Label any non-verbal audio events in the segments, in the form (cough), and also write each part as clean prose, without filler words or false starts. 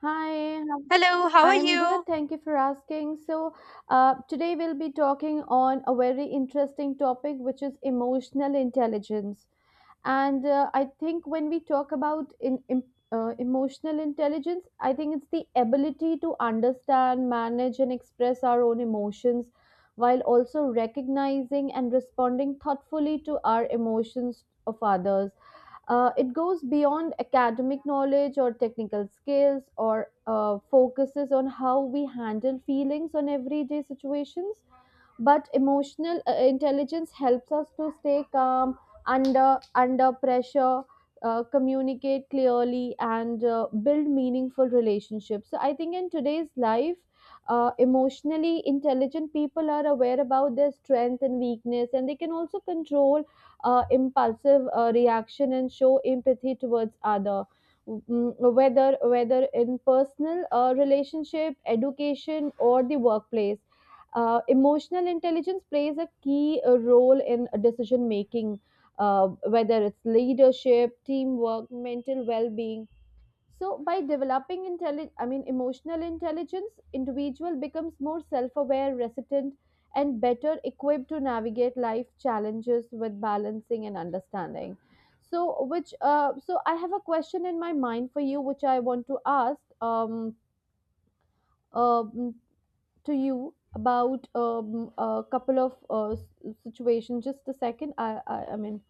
Hi, how- Hello, how are I'm good. you? Thank you for asking. So, today we'll be talking on a very interesting topic, which is emotional intelligence. And I think when we talk about emotional intelligence, I think it's the ability to understand, manage, and express our own emotions while also recognizing and responding thoughtfully to our emotions of others. It goes beyond academic knowledge or technical skills or focuses on how we handle feelings on everyday situations, but emotional intelligence helps us to stay calm under pressure, communicate clearly and build meaningful relationships. So I think in today's life, emotionally intelligent people are aware about their strength and weakness and they can also control impulsive reaction and show empathy towards other. Whether in personal relationship education or the workplace, emotional intelligence plays a key role in decision making, whether it's leadership, teamwork, mental well being. So, by developing emotional intelligence, individual becomes more self-aware, resilient, and better equipped to navigate life challenges with balancing and understanding. So, which so I have a question in my mind for you, which I want to ask. Um, Uh to you about a couple of situations. Just a second, I mean.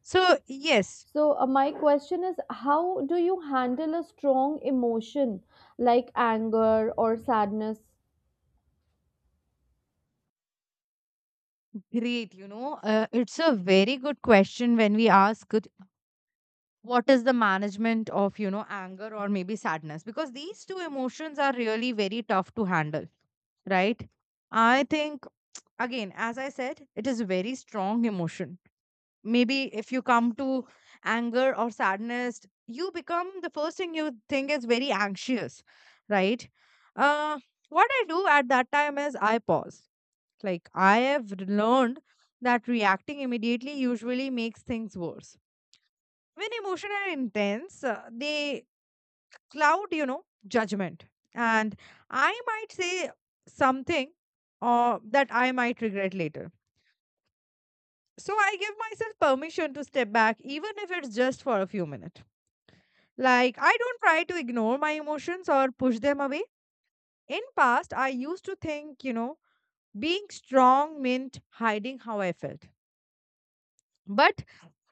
So, yes, So, my question is how do you handle a strong emotion like anger or sadness? great. It's a very good question when we ask it. What is the management of, anger or maybe sadness? Because these two emotions are really very tough to handle, right? I think, again, as I said, it is a very strong emotion. Maybe if you come to anger or sadness, you become the first thing you think is very anxious, right? Uh, what I do at that time is I pause. Like, I have learned that reacting immediately usually makes things worse. When emotion are intense, they cloud, judgment. And I might say something that I might regret later. So I give myself permission to step back, even if it's just for a few minutes. Like, I don't try to ignore my emotions or push them away. In past, I used to think, being strong meant hiding how I felt. But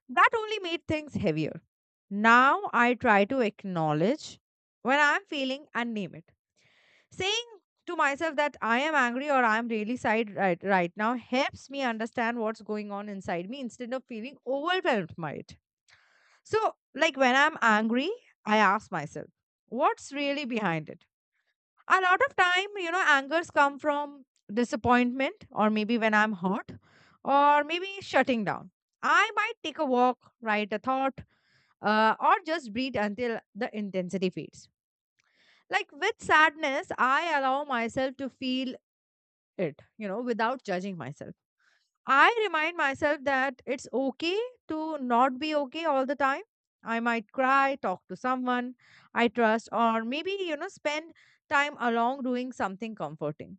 that only made things heavier. Now I try to acknowledge when I'm feeling and name it. Saying to myself that I am angry or I'm really sad right now helps me understand what's going on inside me instead of feeling overwhelmed by it. So, like when I'm angry, I ask myself, what's really behind it? A lot of time, angers come from disappointment or maybe when I'm hurt or maybe shutting down. I might take a walk, write a thought, or just breathe until the intensity fades. Like with sadness, I allow myself to feel it, without judging myself. I remind myself that it's okay to not be okay all the time. I might cry, talk to someone I trust, or maybe, spend time along doing something comforting.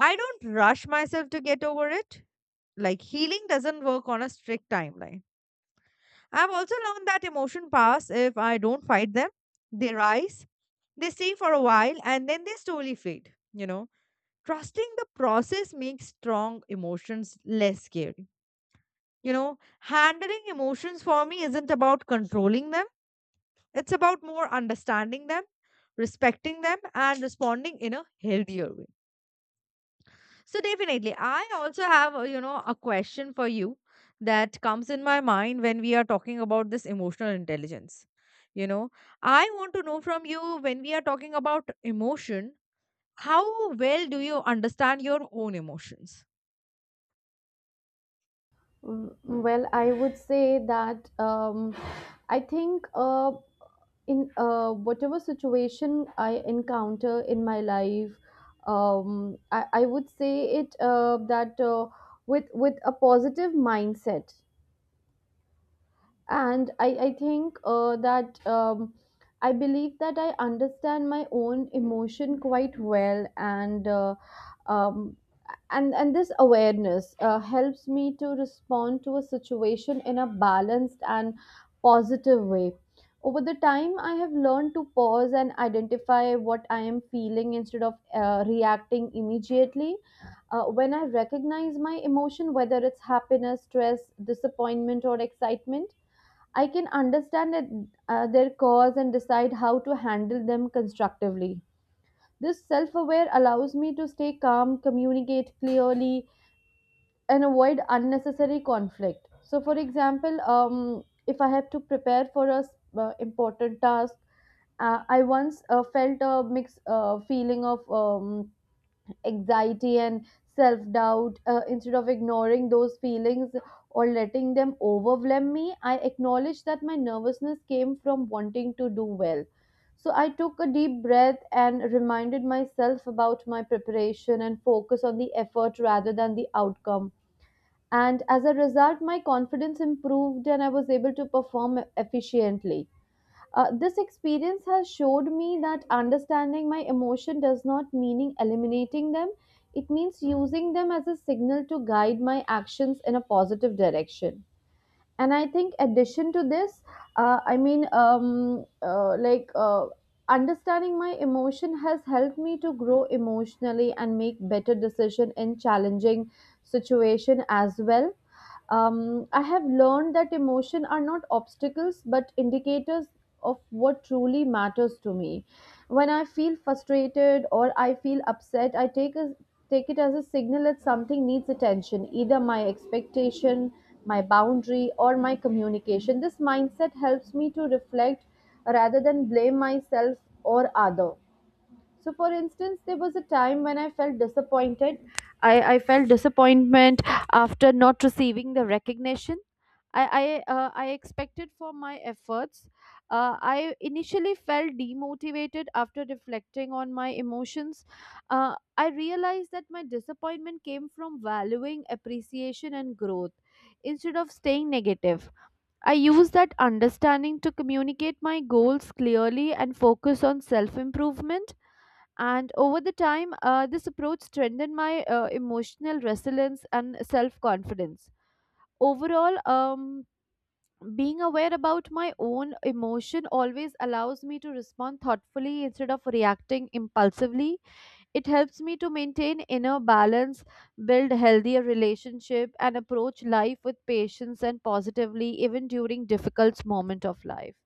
I don't rush myself to get over it. Like healing doesn't work on a strict timeline. I've also learned that emotion pass. If I don't fight them, they rise. They stay for a while and then they slowly fade. Trusting the process makes strong emotions less scary. Handling emotions for me isn't about controlling them, it's about more understanding them, respecting them, and responding in a healthier way. So, definitely, I also have, a question for you that comes in my mind when we are talking about this emotional intelligence. You know, I want to know from you, when we are talking about emotion, how well do you understand your own emotions? Mm. Well, I would say that I think in whatever situation I encounter in my life, I would say it that with a positive mindset, and I think that I believe that I understand my own emotion quite well, and um, and this awareness helps me to respond to a situation in a balanced and positive way. Over the time I have learned to pause and identify what I am feeling instead of reacting immediately. When I recognize my emotion, whether it's happiness, stress, disappointment, or excitement, I can understand it, their cause and decide how to handle them constructively. This self aware allows me to stay calm, communicate clearly, and avoid unnecessary conflict. So, for example, if I have to prepare for a important task, I once felt a mixed feeling of anxiety and self doubt. Instead of ignoring those feelings or letting them overwhelm me, I acknowledged that my nervousness came from wanting to do well. So I took a deep breath and reminded myself about my preparation and focus on the effort rather than the outcome. And as a result, my confidence improved and I was able to perform efficiently. This experience has showed me that understanding my emotion does not mean eliminating them. It means using them as a signal to guide my actions in a positive direction. And I think, addition to this, uh, I mean, um, uh, like uh, understanding my emotion has helped me to grow emotionally and make better decision in challenging situation as well. I have learned that emotion are not obstacles but indicators of what truly matters to me. When I feel frustrated or I feel upset, take it as a signal that something needs attention, either my expectation, my boundary, or my communication. This mindset helps me to reflect rather than blame myself or other. So for instance there was a time when I felt disappointed. I felt disappointment after not receiving the recognition I expected for my efforts. I initially felt demotivated after reflecting on my emotions. I realized that my disappointment came from valuing appreciation and growth instead of staying negative. I used that understanding to communicate my goals clearly and focus on self improvement. And over the time, this approach strengthened my emotional resilience and self confidence. Overall, being aware about my own emotion always allows me to respond thoughtfully instead of reacting impulsively. It helps me to maintain inner balance, build healthier relationship and approach life with patience and positively even during difficult moment of life.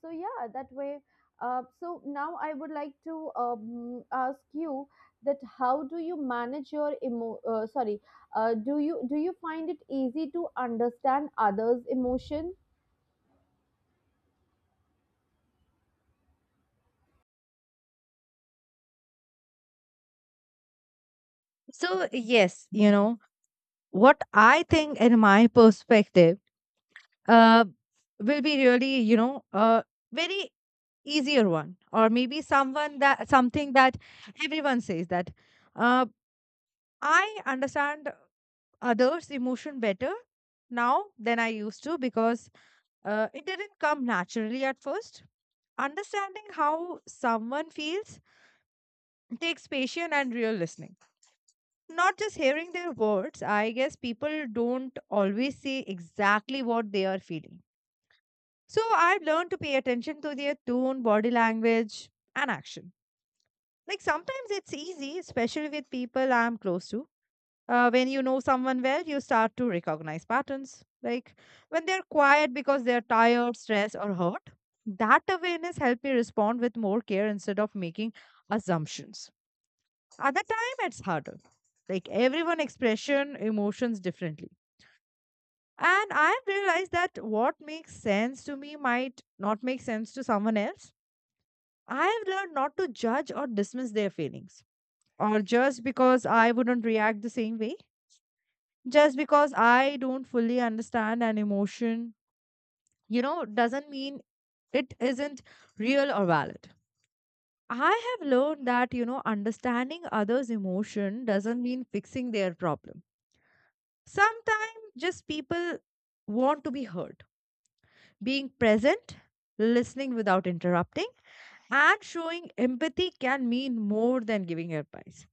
So yeah, that way. So now I would like to ask you that how do you manage your do you find it easy to understand others' emotion? So, yes, what I think in my perspective uh, will be really, a very easier one, or maybe someone that something that everyone says that uh, I understand others' emotion better now than I used to, because it didn't come naturally at first. Understanding how someone feels takes patience and real listening, not just hearing their words. I guess people don't always say exactly what they are feeling. So I've learned to pay attention to their tone, body language, and action. Like sometimes it's easy, especially with people I'm close to. When you know someone well, you start to recognize patterns. Like when they're quiet because they're tired, stressed, or hurt, that awareness helped me respond with more care instead of making assumptions. Other time, it's harder. Like everyone expression emotions differently. And I have realized that what makes sense to me might not make sense to someone else. I have learned not to judge or dismiss their feelings, or just because I wouldn't react the same way. Just because I don't fully understand an emotion, doesn't mean it isn't real or valid. I have learned that, understanding others' emotion doesn't mean fixing their problem. Sometimes just people want to be heard. Being present, listening without interrupting, and showing empathy can mean more than giving advice.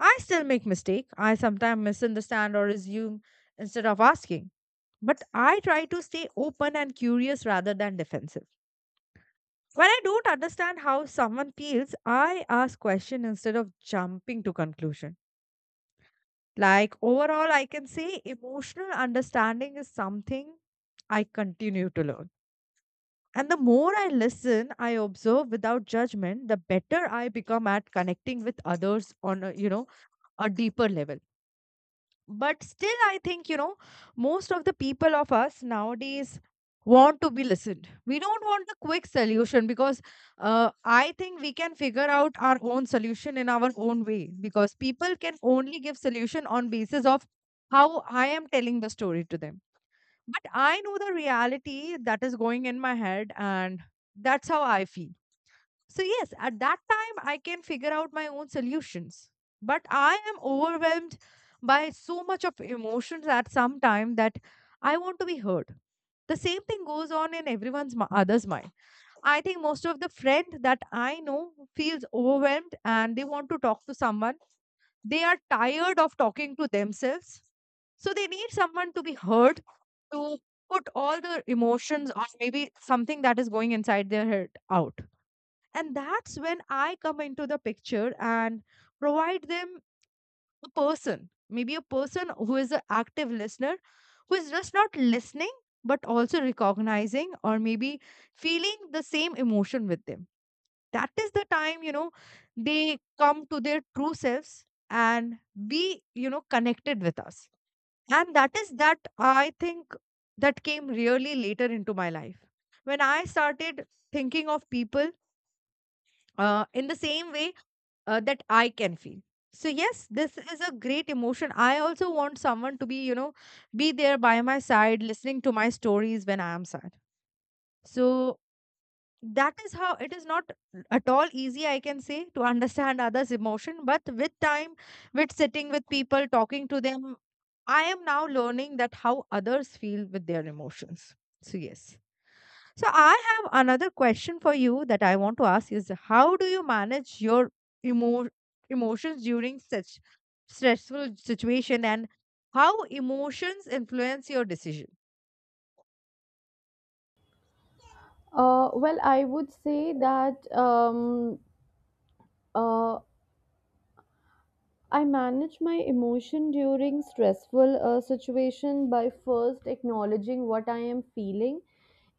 I still make mistake. I sometimes misunderstand or assume instead of asking. But I try to stay open and curious rather than defensive. When I don't understand how someone feels, I ask question instead of jumping to conclusion. Like overall, I can say emotional understanding is something I continue to learn. And the more I listen, I observe without judgment, the better I become at connecting with others on a deeper level. But still, I think, most of the people of us nowadays want to be listened. We don't want a quick solution, because I think we can figure out our own solution in our own way, because people can only give solution on basis of how I am telling the story to them. But I know the reality that is going in my head, and that's how I feel. So, yes, at that time, I can figure out my own solutions. But I am overwhelmed by so much of emotions at some time that I want to be heard. The same thing goes on in everyone's other's mind. I think most of the friend that I know feels overwhelmed and they want to talk to someone. They are tired of talking to themselves. So they need someone to be heard, to put all the emotions or maybe something that is going inside their head out. And that's when I come into the picture and provide them a person, maybe a person who is an active listener, who is just not listening but also recognizing or maybe feeling the same emotion with them. That is the time, they come to their true selves and be, connected with us. And that is that, I think, that came really later into my life, when I started thinking of people in the same way, that I can feel. So yes, this is a great emotion. I also want someone to be, be there by my side, listening to my stories when I am sad. So that is how it is not at all easy, I can say, to understand others emotion. But with time, with sitting with people, talking to them, I am now learning that how others feel with their emotions. So yes, so I have another question for you that I want to ask is, how do you manage your emo- emotions during such stressful situation, and how emotions influence your decision? Well, I would say that uh, I manage my emotion during stressful situation by first acknowledging what I am feeling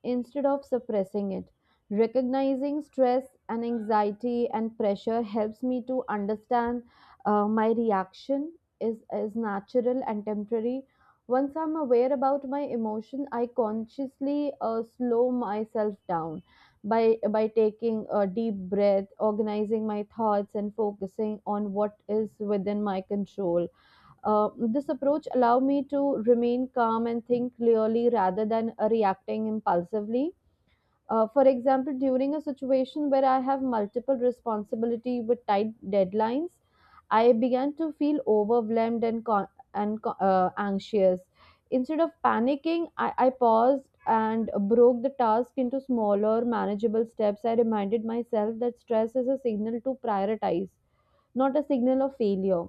instead of suppressing it. Recognizing stress and anxiety and pressure helps me to understand my reaction is natural and temporary. Once I'm aware about my emotion, I consciously slow myself down by taking a deep breath, organizing my thoughts and focusing on what is within my control. This approach allow me to remain calm and think clearly rather than reacting impulsively. For example, during a situation where I have multiple responsibility with tight deadlines, I began to feel overwhelmed and anxious. Instead of panicking, I paused and broke the task into smaller, manageable steps. I reminded myself that stress is a signal to prioritize, not a signal of failure.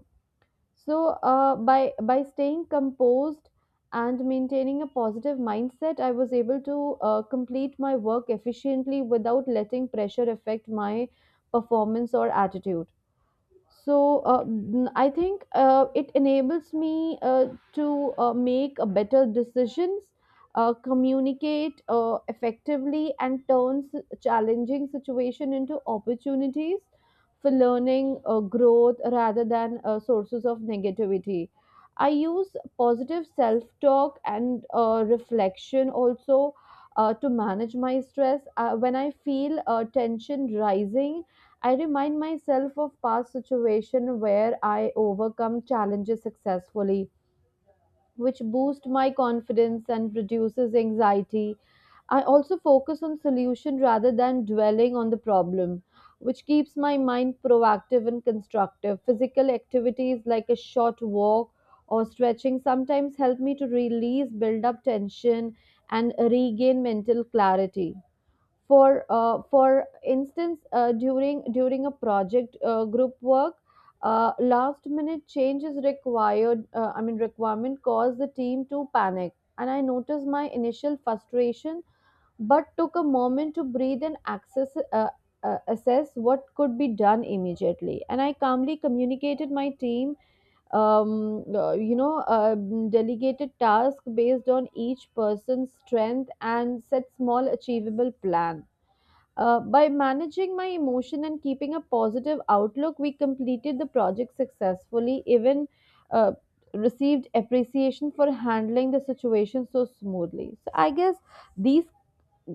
So, by staying composed and maintaining a positive mindset, I was able to complete my work efficiently without letting pressure affect my performance or attitude. So I think it enables me to make a better decisions, communicate effectively and turns challenging situation into opportunities for learning growth rather than sources of negativity. I use positive self talk and reflection also to manage my stress. When I feel tension rising, I remind myself of past situations where I overcome challenges successfully, which boost my confidence and reduces anxiety. I also focus on solution rather than dwelling on the problem, which keeps my mind proactive and constructive. Physical activities like a short walk or stretching sometimes help me to release build up tension and regain mental clarity. For for instance, during a project group work, last minute changes required I mean requirement caused the team to panic and I noticed my initial frustration, but took a moment to breathe and access assess what could be done immediately, and I calmly communicated my team, um, uh, you know, uh, delegated task based on each person's strength and set small achievable plan. By managing my emotion and keeping a positive outlook, we completed the project successfully, even uh, received appreciation for handling the situation so smoothly. So, I guess these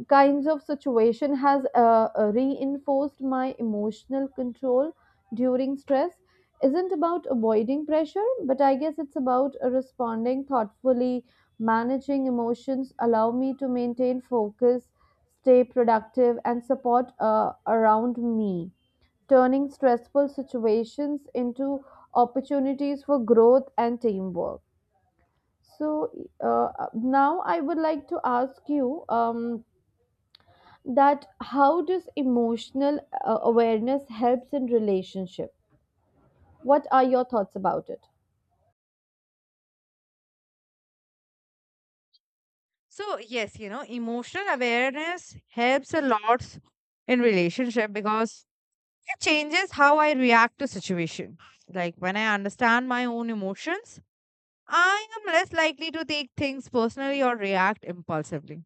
kinds of situation has reinforced my emotional control during stress isn't about avoiding pressure, but I guess it's about responding thoughtfully. Managing emotions allow me to maintain focus, stay productive and support around me, turning stressful situations into opportunities for growth and teamwork. So now I would like to ask you that how does emotional awareness helps in relationship? What are your thoughts about it? So yes, emotional awareness helps a lot in relationship, because it changes how I react to situation. Like when I understand my own emotions, I am less likely to take things personally or react impulsively.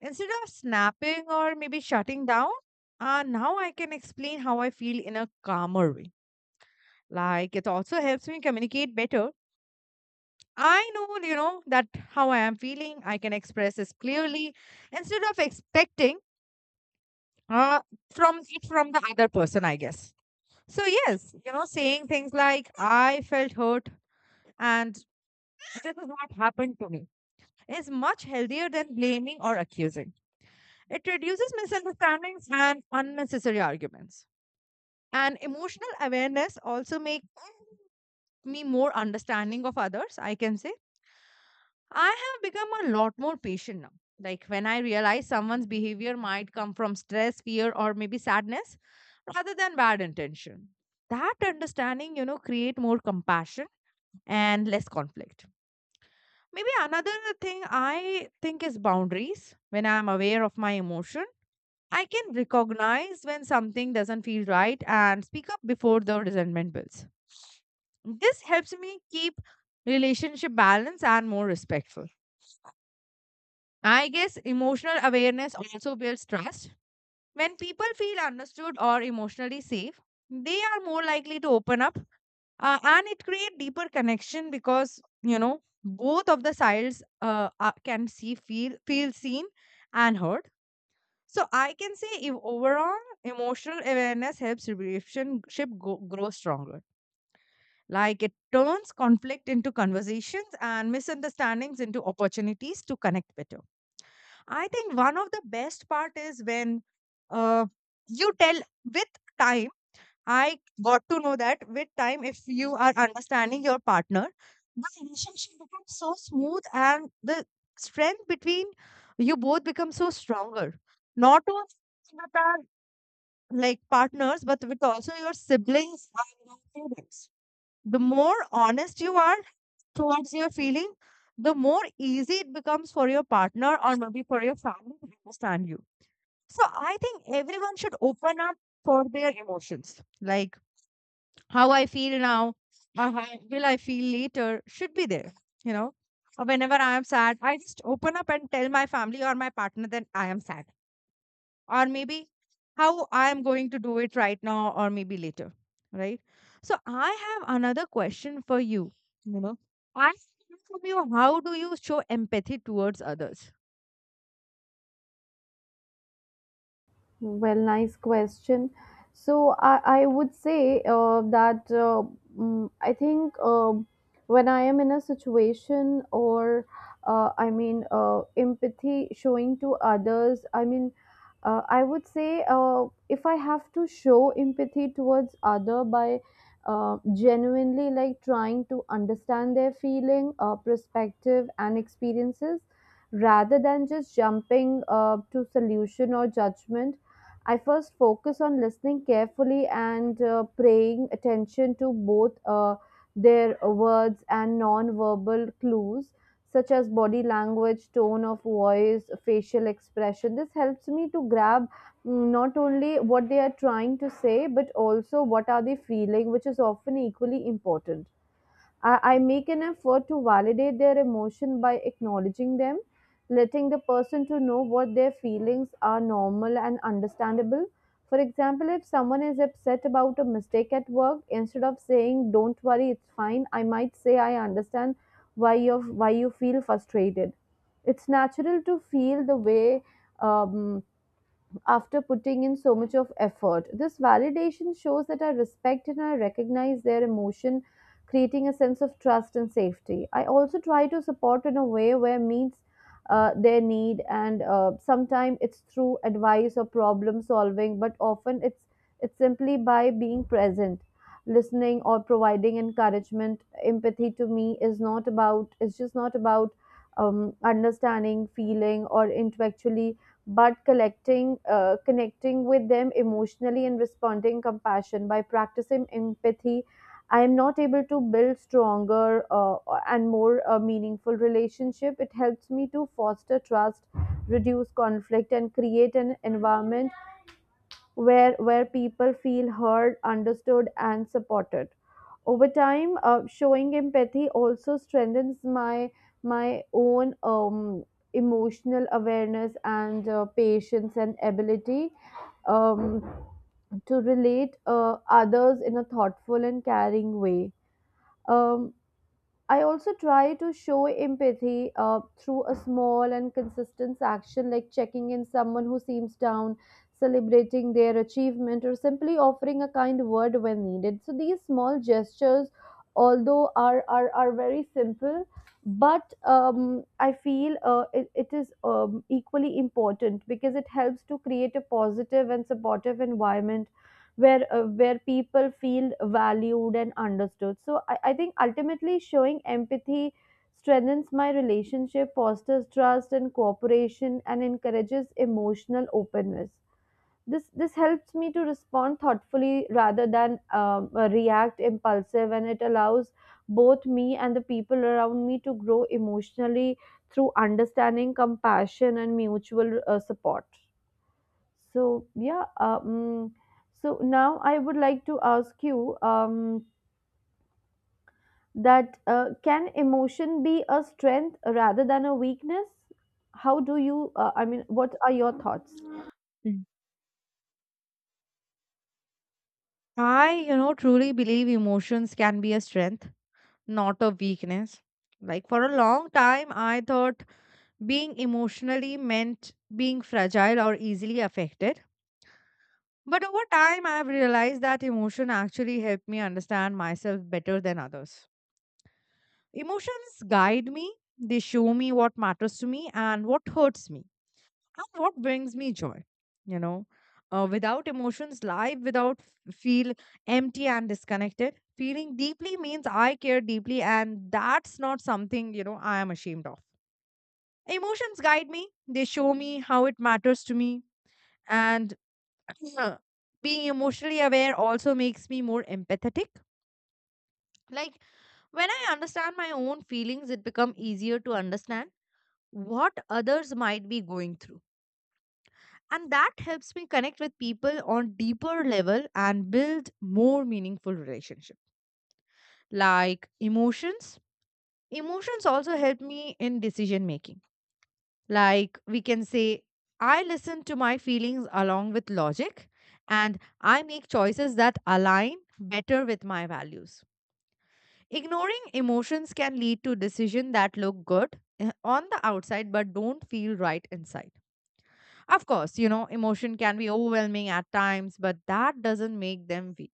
Instead of snapping or maybe shutting down, now I can explain how I feel in a calmer way. Like it also helps me communicate better. I know, that how I am feeling. I can express this clearly instead of expecting uh from it from the other person, I guess. So yes, saying things like I felt hurt and this is what happened to me is much healthier than blaming or accusing. It reduces misunderstandings and unnecessary arguments. And emotional awareness also makes me more understanding of others, I can say. I have become a lot more patient now, like when I realize someone's behavior might come from stress, fear, or maybe sadness rather than bad intention. That understanding, create more compassion and less conflict. Maybe another thing I think is boundaries. When I'm aware of my emotion, I can recognize when something doesn't feel right and speak up before the resentment builds. This helps me keep relationship balance and more respectful. I guess emotional awareness also builds trust. When people feel understood or emotionally safe, they are more likely to open up, and it create deeper connection, because both of the sides can see, feel seen and heard. So I can say, if overall emotional awareness helps relationship grow stronger. Like it turns conflict into conversations and misunderstandings into opportunities to connect better. I think one of the best part is when uh, you tell with time, I got to know that with time, if you are understanding your partner, the relationship becomes so smooth and the strength between you both becomes so stronger. Not only with our like partners, but with also your siblings and your parents. The more honest you are towards your feeling, the more easy it becomes for your partner or maybe for your family to understand you. So I think everyone should open up for their emotions. Like how I feel now, or how (laughs) will I feel later should be there. You know, or whenever I am sad, I just open up and tell my family or my partner that I am sad, or maybe how I am going to do it right now, or maybe later. Right. So I have another question for you. You know, I want from you, how do you show empathy towards others? Well, nice question. So I would say I think when I am in a situation or empathy showing to others, I mean I would say if I have to show empathy towards other by genuinely like trying to understand their feeling, perspective, and experiences rather than just jumping to solution or judgment. I first focus on listening carefully and paying attention to both their words and non-verbal clues, such as body language, tone of voice, facial expression. This helps me to grab mm, not only what they are trying to say, but also what are they feeling, which is often equally important. I make an effort to validate their emotion by acknowledging them, letting the person to know what their feelings are normal and understandable. For example, if someone is upset about a mistake at work, instead of saying "Don't worry, it's fine," I might say, "I understand why you why you feel frustrated." It's natural to feel the way um, after putting in so much of effort. This validation shows that I respect and I recognize their emotion, creating a sense of trust and safety. I also try to support in a way where meets their need, and sometimes it's through advice or problem solving, but often it's simply by being present listening or providing encouragement. Empathy to me is not about, it's just not about understanding feeling or intellectually, but connecting with them emotionally and responding compassion by practicing empathy. I am not able to build stronger and more meaningful relationship. It helps me to foster trust, reduce conflict, and create an environment where people feel heard, understood, and supported. Over time, showing empathy also strengthens my own emotional awareness and patience and ability um, to relate others in a thoughtful and caring way. Um, I also try to show empathy through a small and consistent action like checking in someone who seems down, celebrating their achievement, or simply offering a kind word when needed. So these small gestures, although are very simple, but I feel it is equally important because it helps to create a positive and supportive environment where people feel valued and understood. So I think ultimately showing empathy strengthens my relationship, fosters trust and cooperation, and encourages emotional openness. This helps me to respond thoughtfully rather than react impulsive, and it allows both me and the people around me to grow emotionally through understanding, compassion, and mutual support. So yeah, so now I would like to ask you that can emotion be a strength rather than a weakness? How do you? I mean, what are your thoughts? Mm. I, you know, truly believe emotions can be a strength, not a weakness. Like for a long time, I thought being emotionally meant being fragile or easily affected. But over time, I've realized that emotion actually helped me understand myself better than others. Emotions guide me, they show me what matters to me and what hurts me and what brings me joy. You know, without emotions, life without feel empty and disconnected. Feeling deeply means I care deeply, and that's not something, you know, I am ashamed of. Emotions guide me, they show me how it matters to me, and (clears throat) being emotionally aware also makes me more empathetic, like when I understand my own feelings, it becomes easier to understand what others might be going through, and that helps me connect with people on deeper level and build more meaningful relationship. Like emotions also help me in decision making. Like we can say, I listen to my feelings along with logic, and I make choices that align better with my values. Ignoring emotions can lead to decisions that look good, on the outside but don't feel right inside. Of course, you know, emotion can be overwhelming at times, but that doesn't make them weak.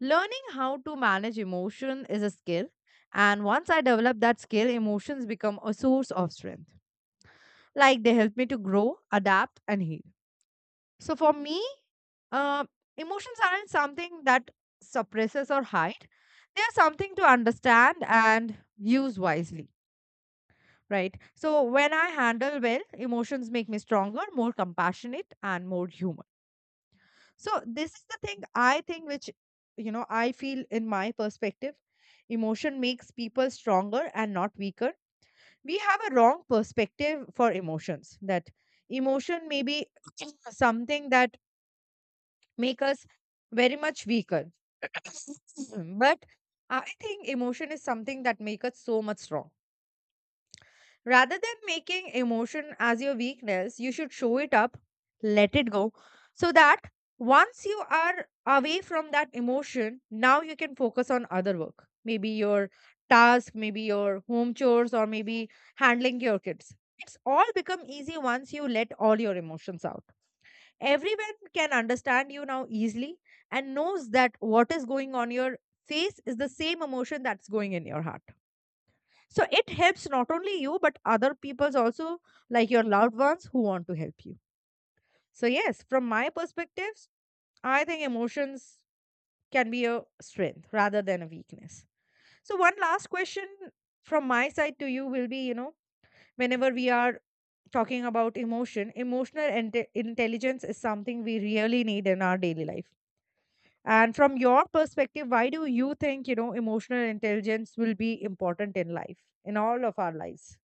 Learning how to manage emotion is a skill, and once I develop that skill, emotions become a source of strength, like they help me to grow, adapt and heal. So for me, uh, emotions aren't something that suppresses or hide, they are something to understand and use wisely. Right, so when I handle well, emotions make me stronger, more compassionate and more human. So this is the thing I think, which, you know, I feel in my perspective, emotion makes people stronger and not weaker. We have a wrong perspective for emotions, that emotion may be (clears throat) something that make us very much weaker. (clears throat) But I think emotion is something that make us so much strong. Rather than making emotion as your weakness, you should show it up, let it go, so that once you are away from that emotion, now you can focus on other work. Maybe your task, maybe your home chores, or maybe handling your kids. It's all become easy once you let all your emotions out. Everyone can understand you now easily and knows that what is going on your face is the same emotion that's going in your heart. So it helps not only you, but other people's also, like your loved ones who want to help you. So, yes, from my perspectives, I think emotions can be a strength rather than a weakness. So, one last question from my side to you will be, you know, whenever we are talking about emotion, emotional intelligence is something we really need in our daily life. And from your perspective, why do you think, you know, emotional intelligence will be important in life, in all of our lives?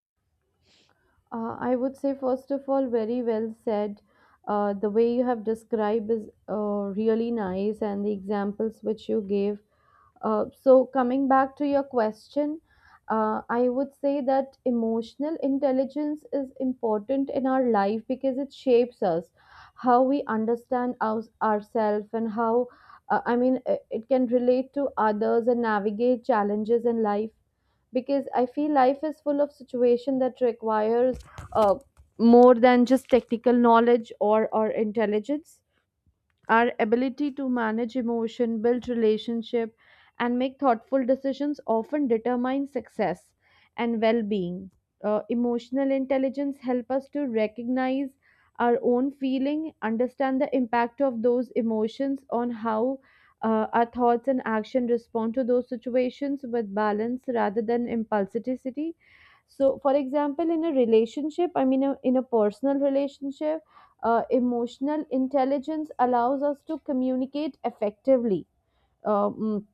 I would say, first of all, very well said. The way you have described is really nice, and the examples which you gave. So, coming back to your question, I would say that emotional intelligence is important in our life because it shapes us, how we understand ourselves, and how, I mean, it can relate to others and navigate challenges in life, because I feel life is full of situation that requires uh, more than just technical knowledge or intelligence. Our ability to manage emotion, build relationship, and make thoughtful decisions often determine success and well-being. Emotional intelligence help us to recognize our own feeling, understand the impact of those emotions on how our thoughts and action respond to those situations with balance rather than impulsivity. So for example in a relationship, I mean in a personal relationship, emotional intelligence allows us to communicate effectively, um,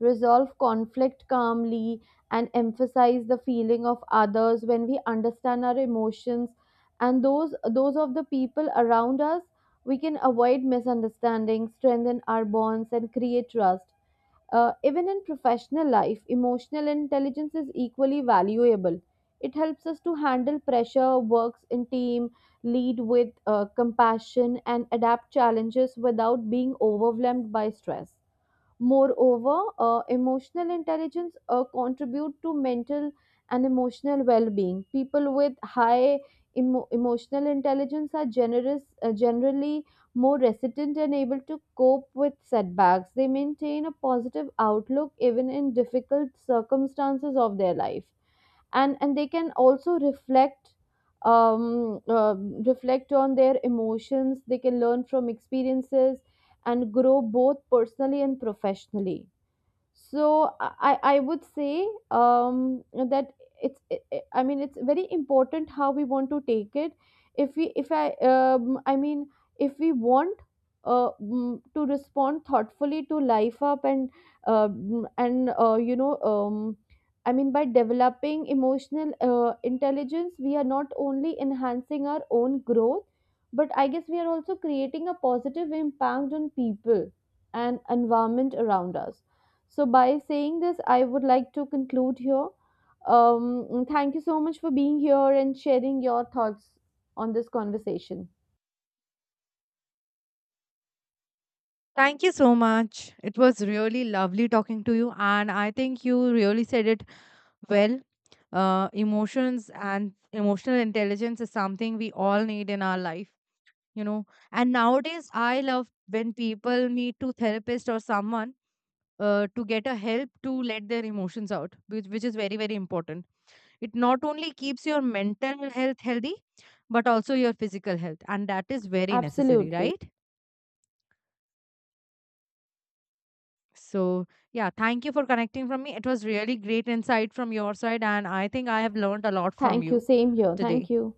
resolve conflict calmly, and emphasize the feeling of others. When we understand our emotions and those of the people around us, we can avoid misunderstandings, strengthen our bonds, and create trust. Even in professional life, emotional intelligence is equally valuable. It helps us to handle pressure, works in team, lead with compassion, and adapt challenges without being overwhelmed by stress. Moreover, emotional intelligence contribute to mental and emotional well-being. People with high emotional intelligence are generous, generally more resilient and able to cope with setbacks. They maintain a positive outlook even in difficult circumstances of their life, and they can also reflect um, uh, reflect on their emotions, they can learn from experiences and grow both personally and professionally. So I would say that it's I mean it's very important how we want to take it. If we if I I mean if we want to respond thoughtfully to life up and I mean by developing emotional intelligence, we are not only enhancing our own growth, but I guess we are also creating a positive impact on people and environment around us. So, by saying this, I would like to conclude here. Thank you so much for being here and sharing your thoughts on this conversation. Thank you so much. It was really lovely talking to you, and I think you really said it well. Emotions and emotional intelligence is something we all need in our life, you know. And nowadays, I love when people meet to therapist or someone to get a help to let their emotions out, which is very very important. It not only keeps your mental health healthy, but also your physical health, and that is very necessary, Absolutely. right? So, yeah, thank you for connecting from me. It was really great insight from your side, and I think I have learned a lot from Thank you. you Same here. Thank today. you.